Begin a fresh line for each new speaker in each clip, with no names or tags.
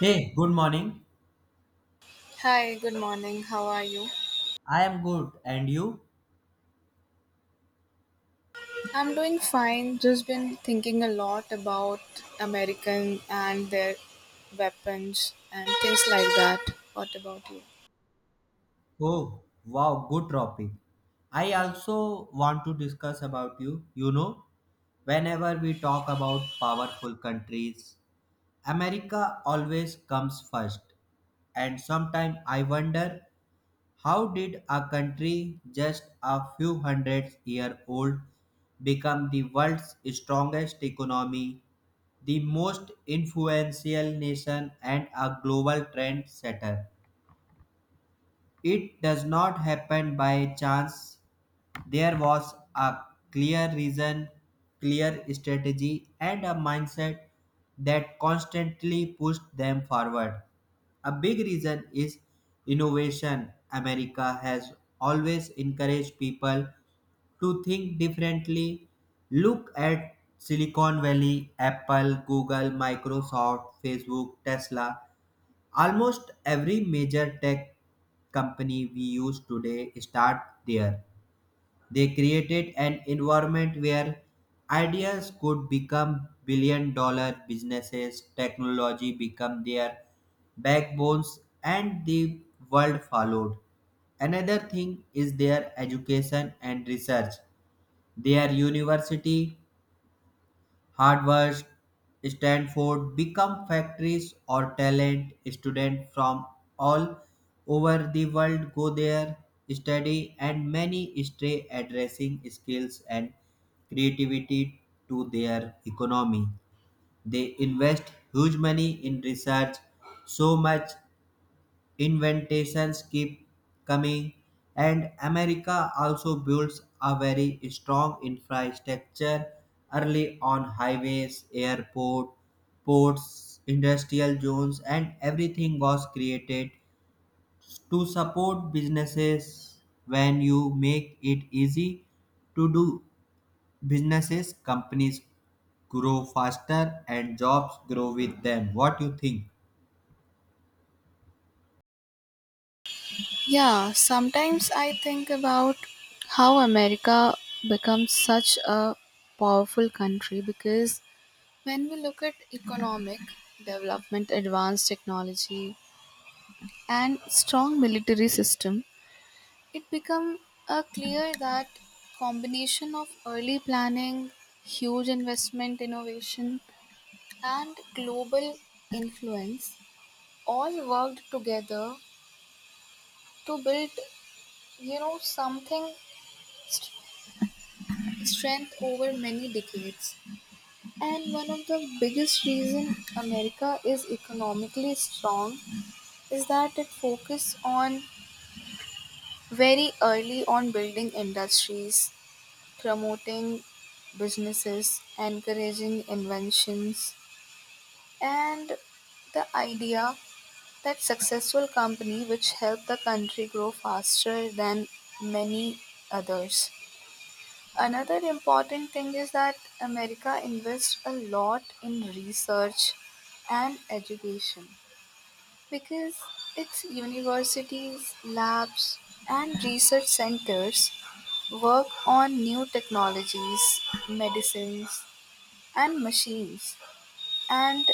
Hey, good morning.
Hi, good morning. How are you?
I am good. And you?
I'm doing fine. Just been thinking a lot about American and their weapons and things like that. What about you?
Oh, wow, good topic. I also want to discuss about you. You know, whenever we talk about powerful countries, America always comes first. And sometimes I wonder how did a country just a few hundred-year-old become the world's strongest economy, the most influential nation and a global trendsetter? It does not happen by chance. There was a clear reason, clear strategy, and a mindset that constantly pushed them forward. A big reason is innovation. America has always encouraged people to think differently. Look at Silicon Valley, Apple, Google, Microsoft, Facebook, Tesla. Almost every major tech company we use today start there. They created an environment where ideas could become billion-dollar businesses, technology become their backbones and the world followed. Another thing is their education and research. Their university Harvard, Stanford become factories or talent. Students from all over the world go there, study, and many stay addressing skills and creativity to their economy. They invest huge money in research, so much invitations keep coming, and America also builds a very strong infrastructure early on highways, airport, ports, industrial zones, and everything was created to support businesses. When you make it easy to do businesses, companies grow faster and jobs grow with them. What do you think?
Yeah, sometimes I think about how America becomes such a powerful country because when we look at economic development, advanced technology, and strong military system, it became clear that combination of early planning, huge investment innovation, and global influence all worked together to build, you know, something st- strength over many decades. And one of the biggest reason America is economically strong is that it focused on very early on building industries promoting businesses, encouraging inventions, and the idea that successful company which help the country grow faster than many others. Another important thing is that America invests a lot in research and education because its universities, labs, and research centers work on new technologies, medicines, and machines, and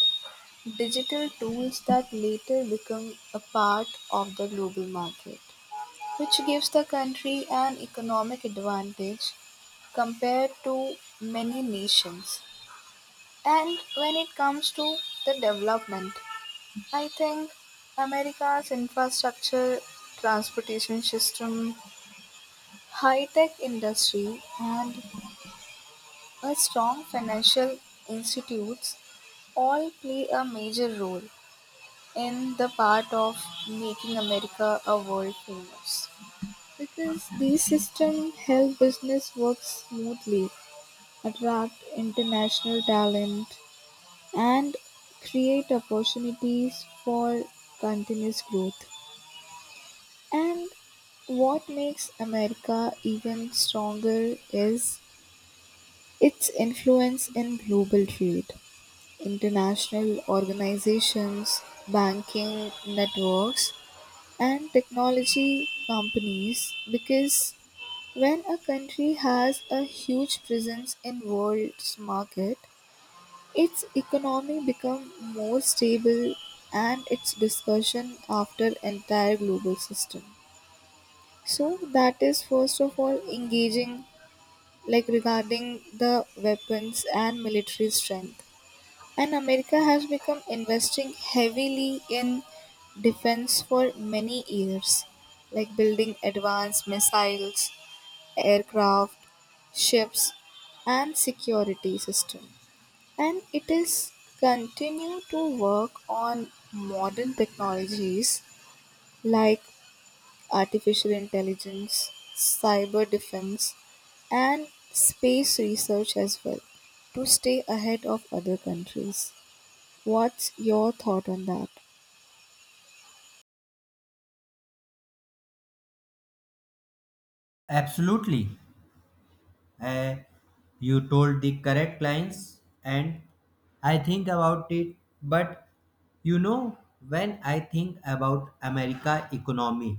digital tools that later become a part of the global market, which gives the country an economic advantage compared to many nations. And when it comes to the development, I think America's infrastructure, transportation system, high tech industry, and a strong financial institutes all play a major role in the part of making America a world famous. Because these systems help business work smoothly, attract international talent, and create opportunities for continuous growth. And what makes America even stronger is its influence in global trade, international organizations, banking networks, and technology companies because when a country has a huge presence in world's market its economy become more stable and its discussion after entire global system, so that is first of all engaging like regarding the weapons and military strength, and America has become investing heavily in defense for many years, like building advanced missiles, aircraft, ships, and security system. And it is continue to work on modern technologies like artificial intelligence, cyber defense, and space research as well to stay ahead of other countries. What's your thought on that?
Absolutely. Uh, you told the correct lines, and I think about it. But you know, when I think about America economy,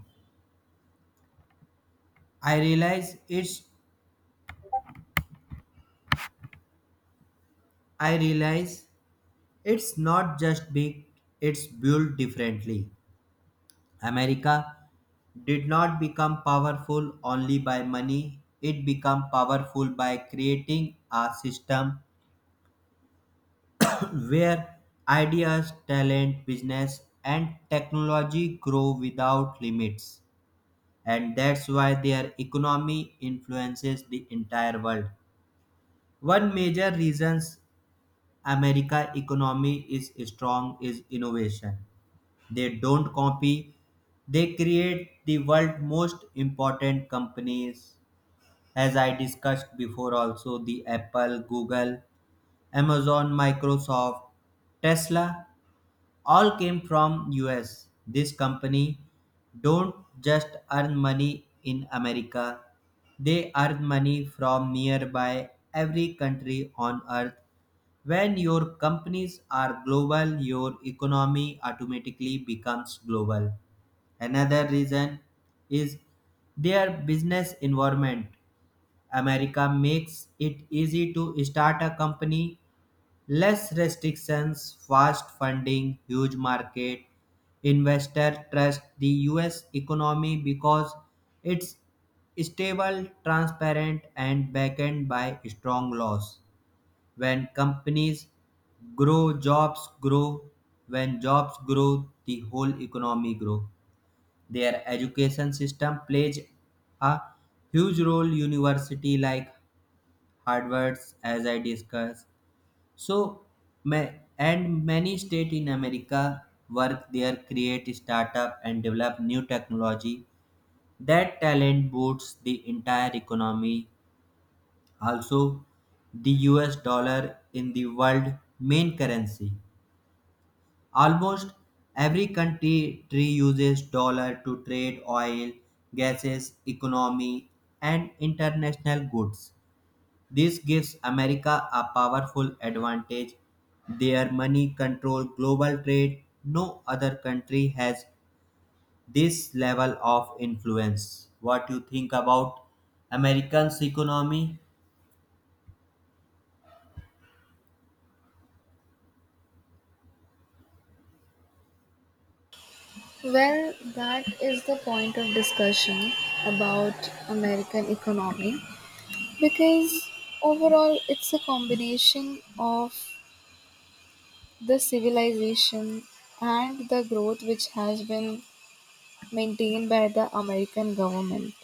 I realize it's I realize it's not just big; it's built differently. America did not become powerful only by money; it became powerful by creating a system where ideas, talent, business, and technology grow without limits. And that's why their economy influences the entire world. One major reasons America economy is strong is innovation. They don't copy, they create the world most important companies as I discussed before also, the Apple, Google, Amazon, Microsoft, Tesla all came from US. This company don't just earn money in America. They earn money from nearby every country on earth. When your companies are global, your economy automatically becomes global. Another reason is their business environment. America makes it easy to start a company. Less restrictions, fast funding, huge market. Investor trust the US economy because it's stable, transparent, and backed by strong laws. When companies grow, jobs grow. When jobs grow, the whole economy grow. Their education system plays a huge role. University like Harvard's, as I discussed, so, ma- and many states in America work there, create startup and develop new technology. That talent boosts the entire economy. Also, the US dollar in the world main currency. Almost every country uses dollar to trade oil, gases, economy, and international goods. This gives America a powerful advantage. Their money controls global trade. No other country has this level of influence. What you think about Americans' economy?
Well, that is the point of discussion about American economy because overall it's a combination of the civilization and the growth which has been maintained by the American government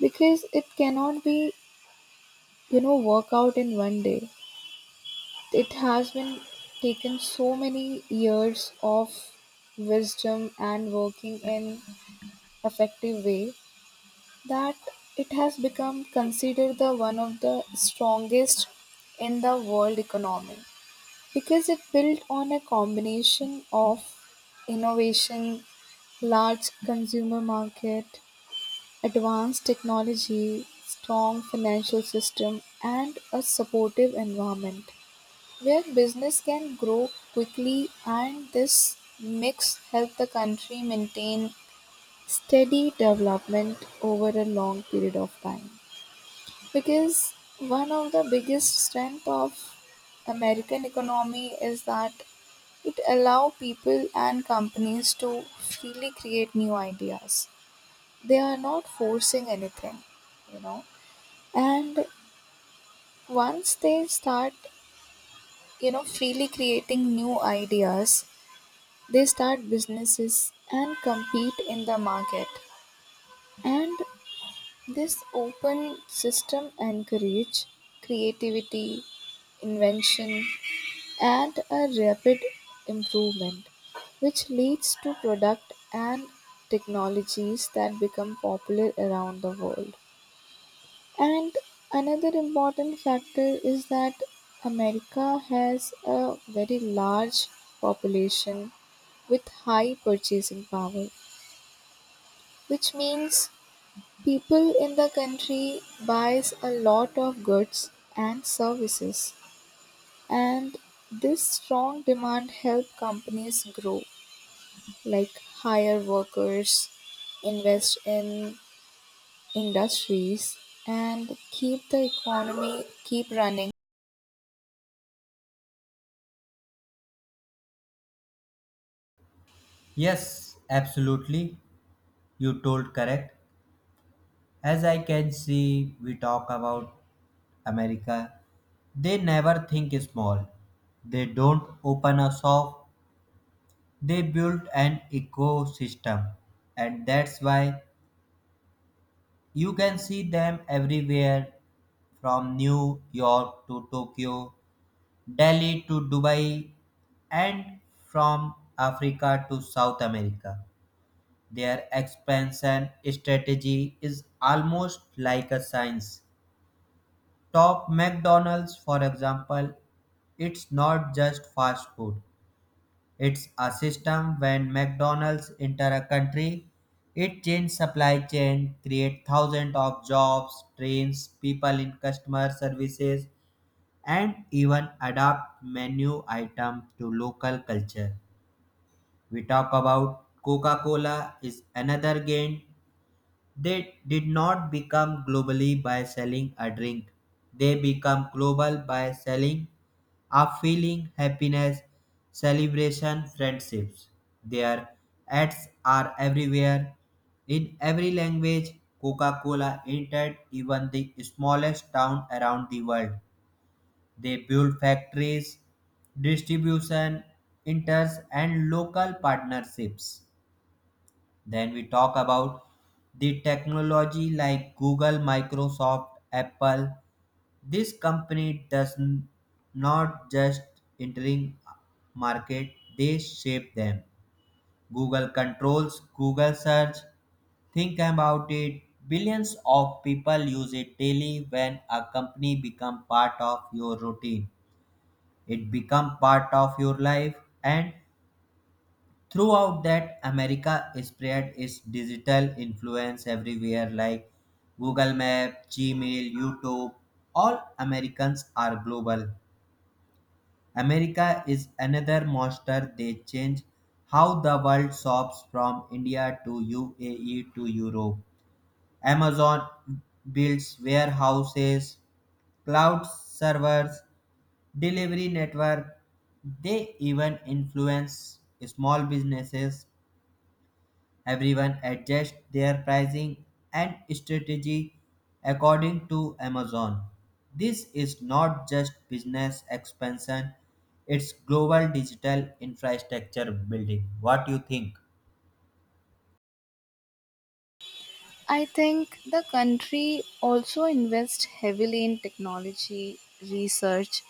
because it cannot be, you know, work out in one day. It has been taken so many years of wisdom and working in effective way that it has become considered the one of the strongest in the world economy because it built on a combination of innovation, large consumer market, advanced technology, strong financial system and a supportive environment where business can grow quickly, and this mix helped the country maintain steady development over a long period of time, because one of the biggest strength of american economy is that it allow people and companies to freely create new ideas. They are not forcing anything, you know, and once they start, you know, freely creating new ideas, they start businesses and compete in the market. And this open system encourages creativity, invention, and a rapid improvement, which leads to product and technologies that become popular around the world. And another important factor is that America has a very large population with high purchasing power, which means people in the country buys a lot of goods and services, and this strong demand help companies grow, like hire workers, invest in industries and keep the economy keep running.
Yes, absolutely. You told correct. As I can see, we talk about America. They never think small. They don't open a shop. They build an ecosystem. And that's why you can see them everywhere, from New York to Tokyo, Delhi to Dubai, and from Africa to South America. Their expansion strategy is almost like a science. Top McDonald's, for example, it's not just fast food, it's a system. When McDonald's enter a country, it changes supply chain, create thousands of jobs, trains people in customer services, and even adapt menu items to local culture. We talk about Coca-Cola is another game. They did not become globally by selling a drink. They become global by selling are feeling, happiness, celebration, friendships. Their ads are everywhere. In every language, Coca Cola entered even the smallest town around the world. They build factories, distribution enters, and local partnerships. Then we talk about the technology like Google, Microsoft, Apple. This company not just entering market, they shape them. Google controls Google search. Think about it. Billions of people use it daily. When a company become part of your routine, it become part of your life. And throughout that America spread its digital influence everywhere, like Google Map, Gmail, YouTube. All Americans are global. America is another monster, they change how the world shops from India to UAE to Europe. Amazon builds warehouses, cloud servers, delivery network. They even influence small businesses. Everyone adjusts their pricing and strategy according to Amazon. This is not just business expansion, it's global digital infrastructure building. What do you think?
I think the country also invests heavily in technology research,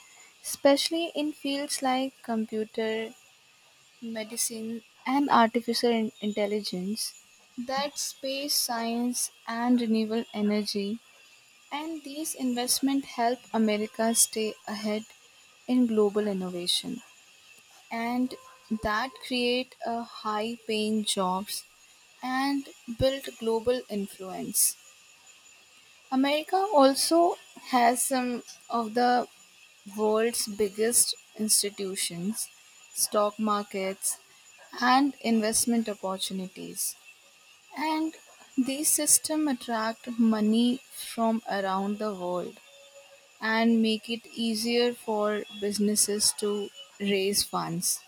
especially in fields like computer medicine, and artificial intelligence, that space science and renewable energy, and these investments help America stay ahead in global innovation and that create a high paying jobs and build global influence. America also has some of the world's biggest institutions, stock markets, and investment opportunities. And these systems attract money from around the world and make it easier for businesses to raise funds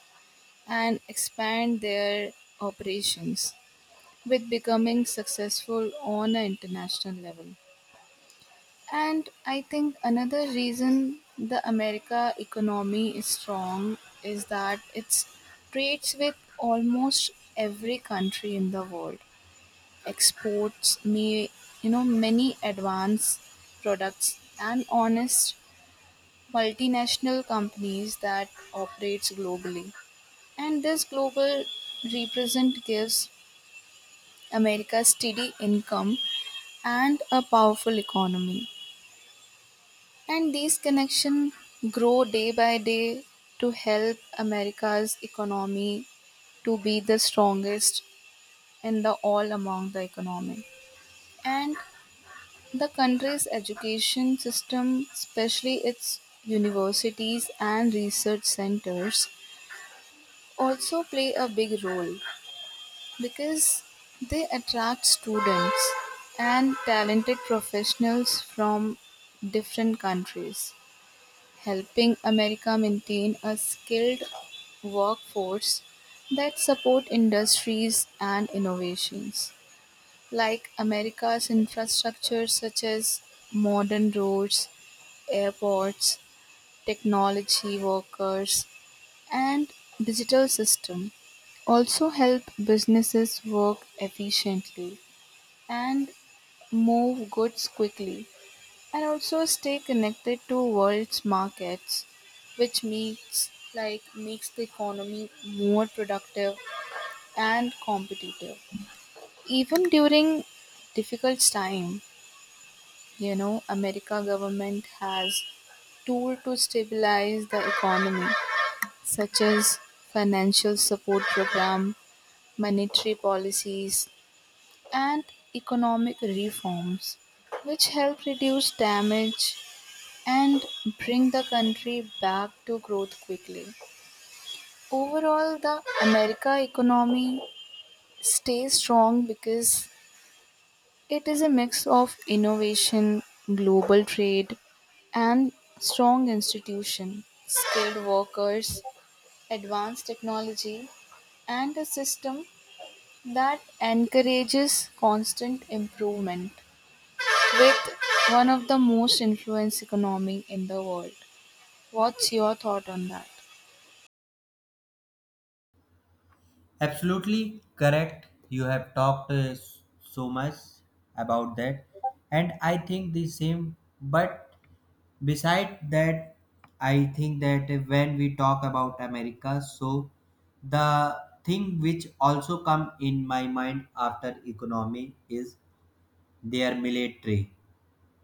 and expand their operations with becoming successful on an international level. And I think another reason the America economy is strong is that it trades with almost every country in the world. Exports may, you know, many advanced products and honest multinational companies that operates globally. And this global represent gives America steady income and a powerful economy. And these connections grow day by day to help America's economy to be the strongest in the all among the economy. And the country's education system, especially its universities and research centers, also play a big role because they attract students and talented professionals from different countries, helping America maintain a skilled workforce that support industries and innovations. Like America's infrastructure such as modern roads, airports, technology workers and digital system also help businesses work efficiently and move goods quickly and also stay connected to world's markets, which makes like makes the economy more productive and competitive. Even during difficult time, you know, america government has tool to stabilize the economy such as financial support program, monetary policies, and economic reforms which help reduce damage and bring the country back to growth quickly. Overall, the America economy stays strong because it is a mix of innovation, global trade, and strong institution, skilled workers, advanced technology, and a system that encourages constant improvement with one of the most influenced economy in the world. What's your thought on that?
Absolutely correct. You have talked so much about that, and I think the same. But beside that, I think that when we talk about America, so the thing which also come in my mind after economy is their military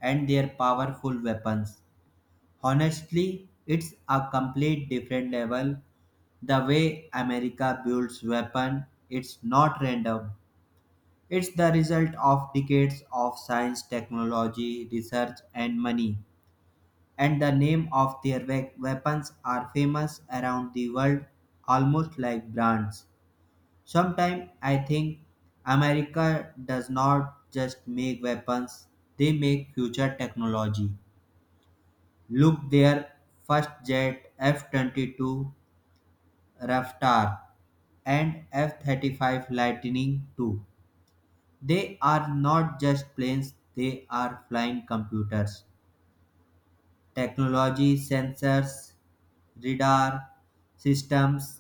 and their powerful weapons. Honestly, it's a complete different level. The way America builds weapon, it's not random. It's the result of decades of science, technology, research, and money, and the name of their weapons are famous around the world almost like brands. Sometimes I think America does not just make weapons, they make future technology. Look their first jet F-22 Raptor and F-35 Lightning II. They are not just planes, they are flying computers. Technology, sensors, radar, systems.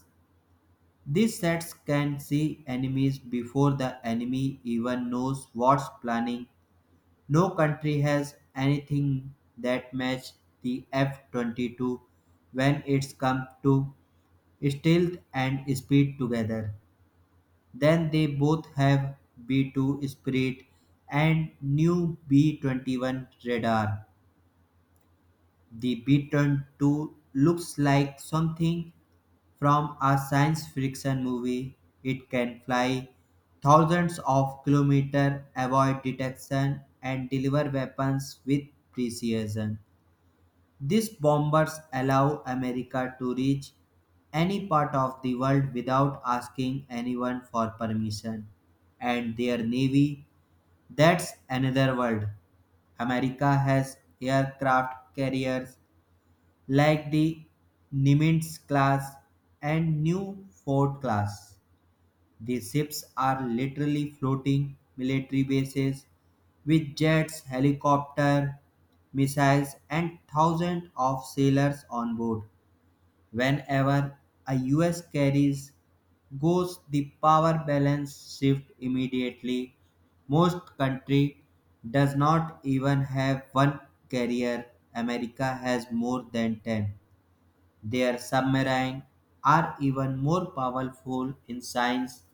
These sets can see enemies before the enemy even knows what's planning. No country has anything that matches the F-22 when it's come to stealth and speed together. Then they both have B-2 Spirit and new B-21 radar. The Beaten two looks like something from a science fiction movie. It can fly thousands of kilometers, avoid detection, and deliver weapons with precision. These bombers allow America to reach any part of the world without asking anyone for permission. And their navy, that's another world. America has aircraft carriers like the Nimitz class and Newport class. The ships are literally floating military bases with jets, helicopter, missiles, and thousands of sailors on board. Whenever a US carries goes, the power balance shift immediately. Most country does not even have one carrier. America has more than 10. Their submarines are even more powerful in science.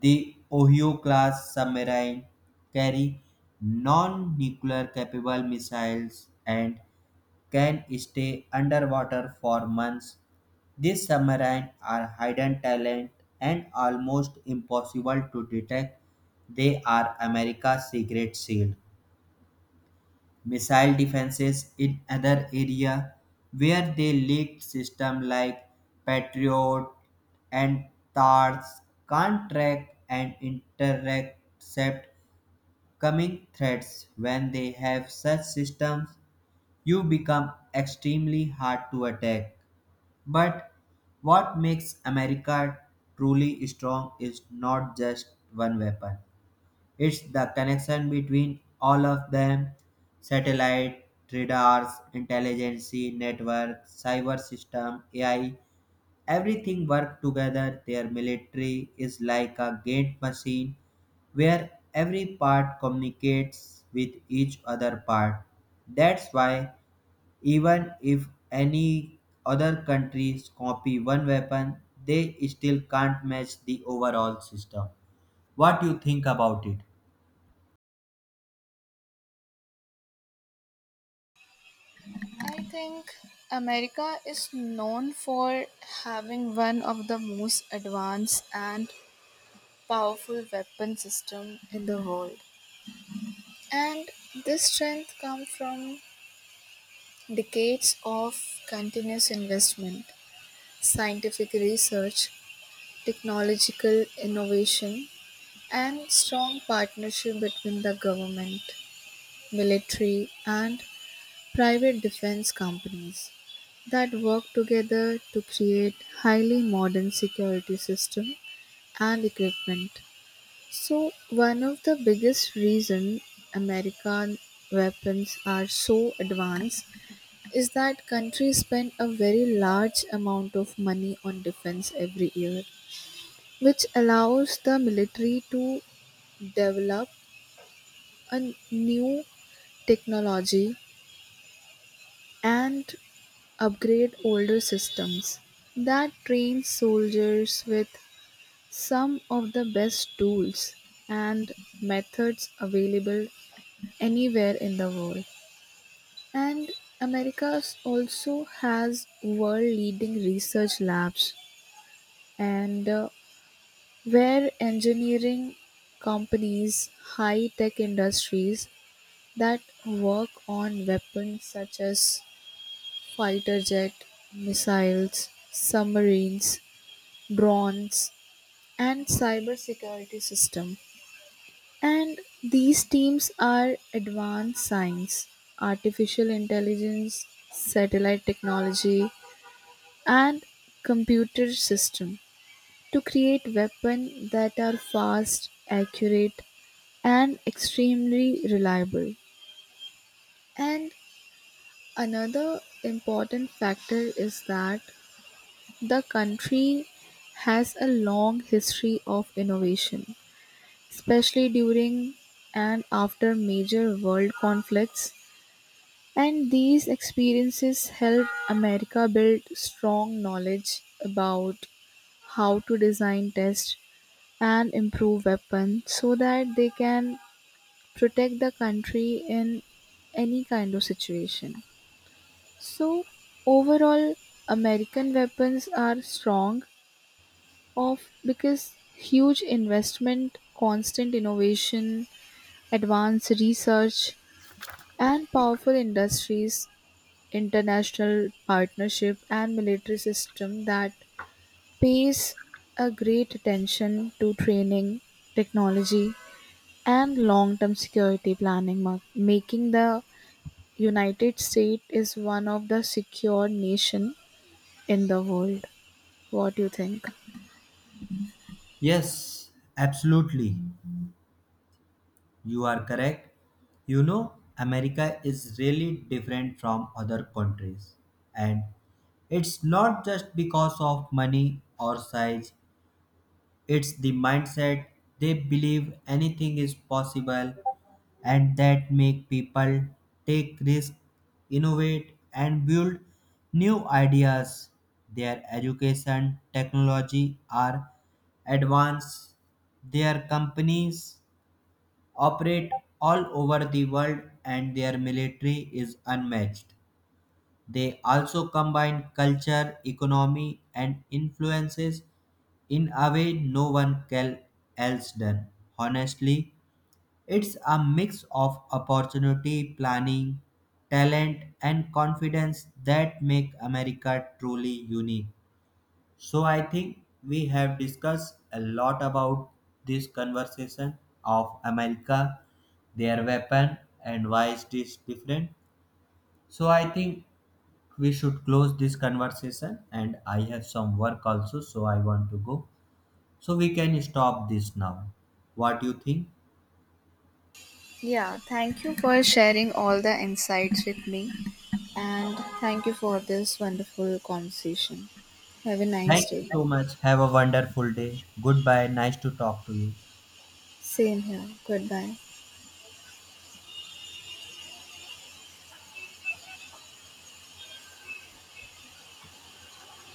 The Ohio class submarine carry non nuclear capable missiles and can stay underwater for months. These submarines are hidden talent and almost impossible to detect. They are America's secret shield. Missile defenses in other area where they leaked system like Patriot and TARS can't track and intercept coming threats. When they have such systems, you become extremely hard to attack. But what makes America truly strong is not just one weapon. It's the connection between all of them, satellite, radars, intelligence network, cyber system, AI, everything work together. Their military is like a gate machine where every part communicates with each other part. That's why even if any other countries copy one weapon, they still can't match the overall system. What do you think about it?
I think America is known for having one of the most advanced and powerful weapon system in the world. And this strength comes from decades of continuous investment, scientific research, technological innovation, and strong partnership between the government, military, and private defense companies that work together to create highly modern security systems and equipment. So one of the biggest reason American weapons are so advanced is that countries spend a very large amount of money on defense every year, which allows the military to develop a new technology and upgrade older systems that train soldiers with some of the best tools and methods available anywhere in the world. And America also has world leading research labs and where engineering companies, high tech industries that work on weapons such as fighter jet missiles, submarines, drones, and cybersecurity system. And these teams are advanced science, artificial intelligence, satellite technology, and computer system to create weapons that are fast, accurate, and extremely reliable. And another important factor is that the country has a long history of innovation especially during and after major world conflicts, and these experiences helped America build strong knowledge about how to design, test, and improve weapons so that they can protect the country in any kind of situation. So, overall, American weapons are strong of because huge investment, constant innovation, advanced research, and powerful industries, international partnership, and military system that pays a great attention to training, technology, and long-term security planning, making the United States is one of the secure nation in the world. What do you think?
Yes, absolutely. You are correct. You know, America is really different from other countries. And it's not just because of money or size, it's the mindset. They believe anything is possible and that make people take risks, innovate and build new ideas. Their education technology are advanced. Their companies operate all over the world and their military is unmatched. They also combine culture, economy, and influences in a way no one can else done. Honestly, it's a mix of opportunity, planning, talent, and confidence that make America truly unique. So I think we have discussed a lot about this conversation of America, their weapon, and why it is different. So I think we should close this conversation and I have some work also, so I want to go. So we can stop this now. What do you think?
Yeah, thank you for sharing all the insights with me, and thank you for this wonderful conversation. Have a nice
Thank you
day.
so much, have a wonderful day. Goodbye, nice to talk to you.
Same here. Goodbye.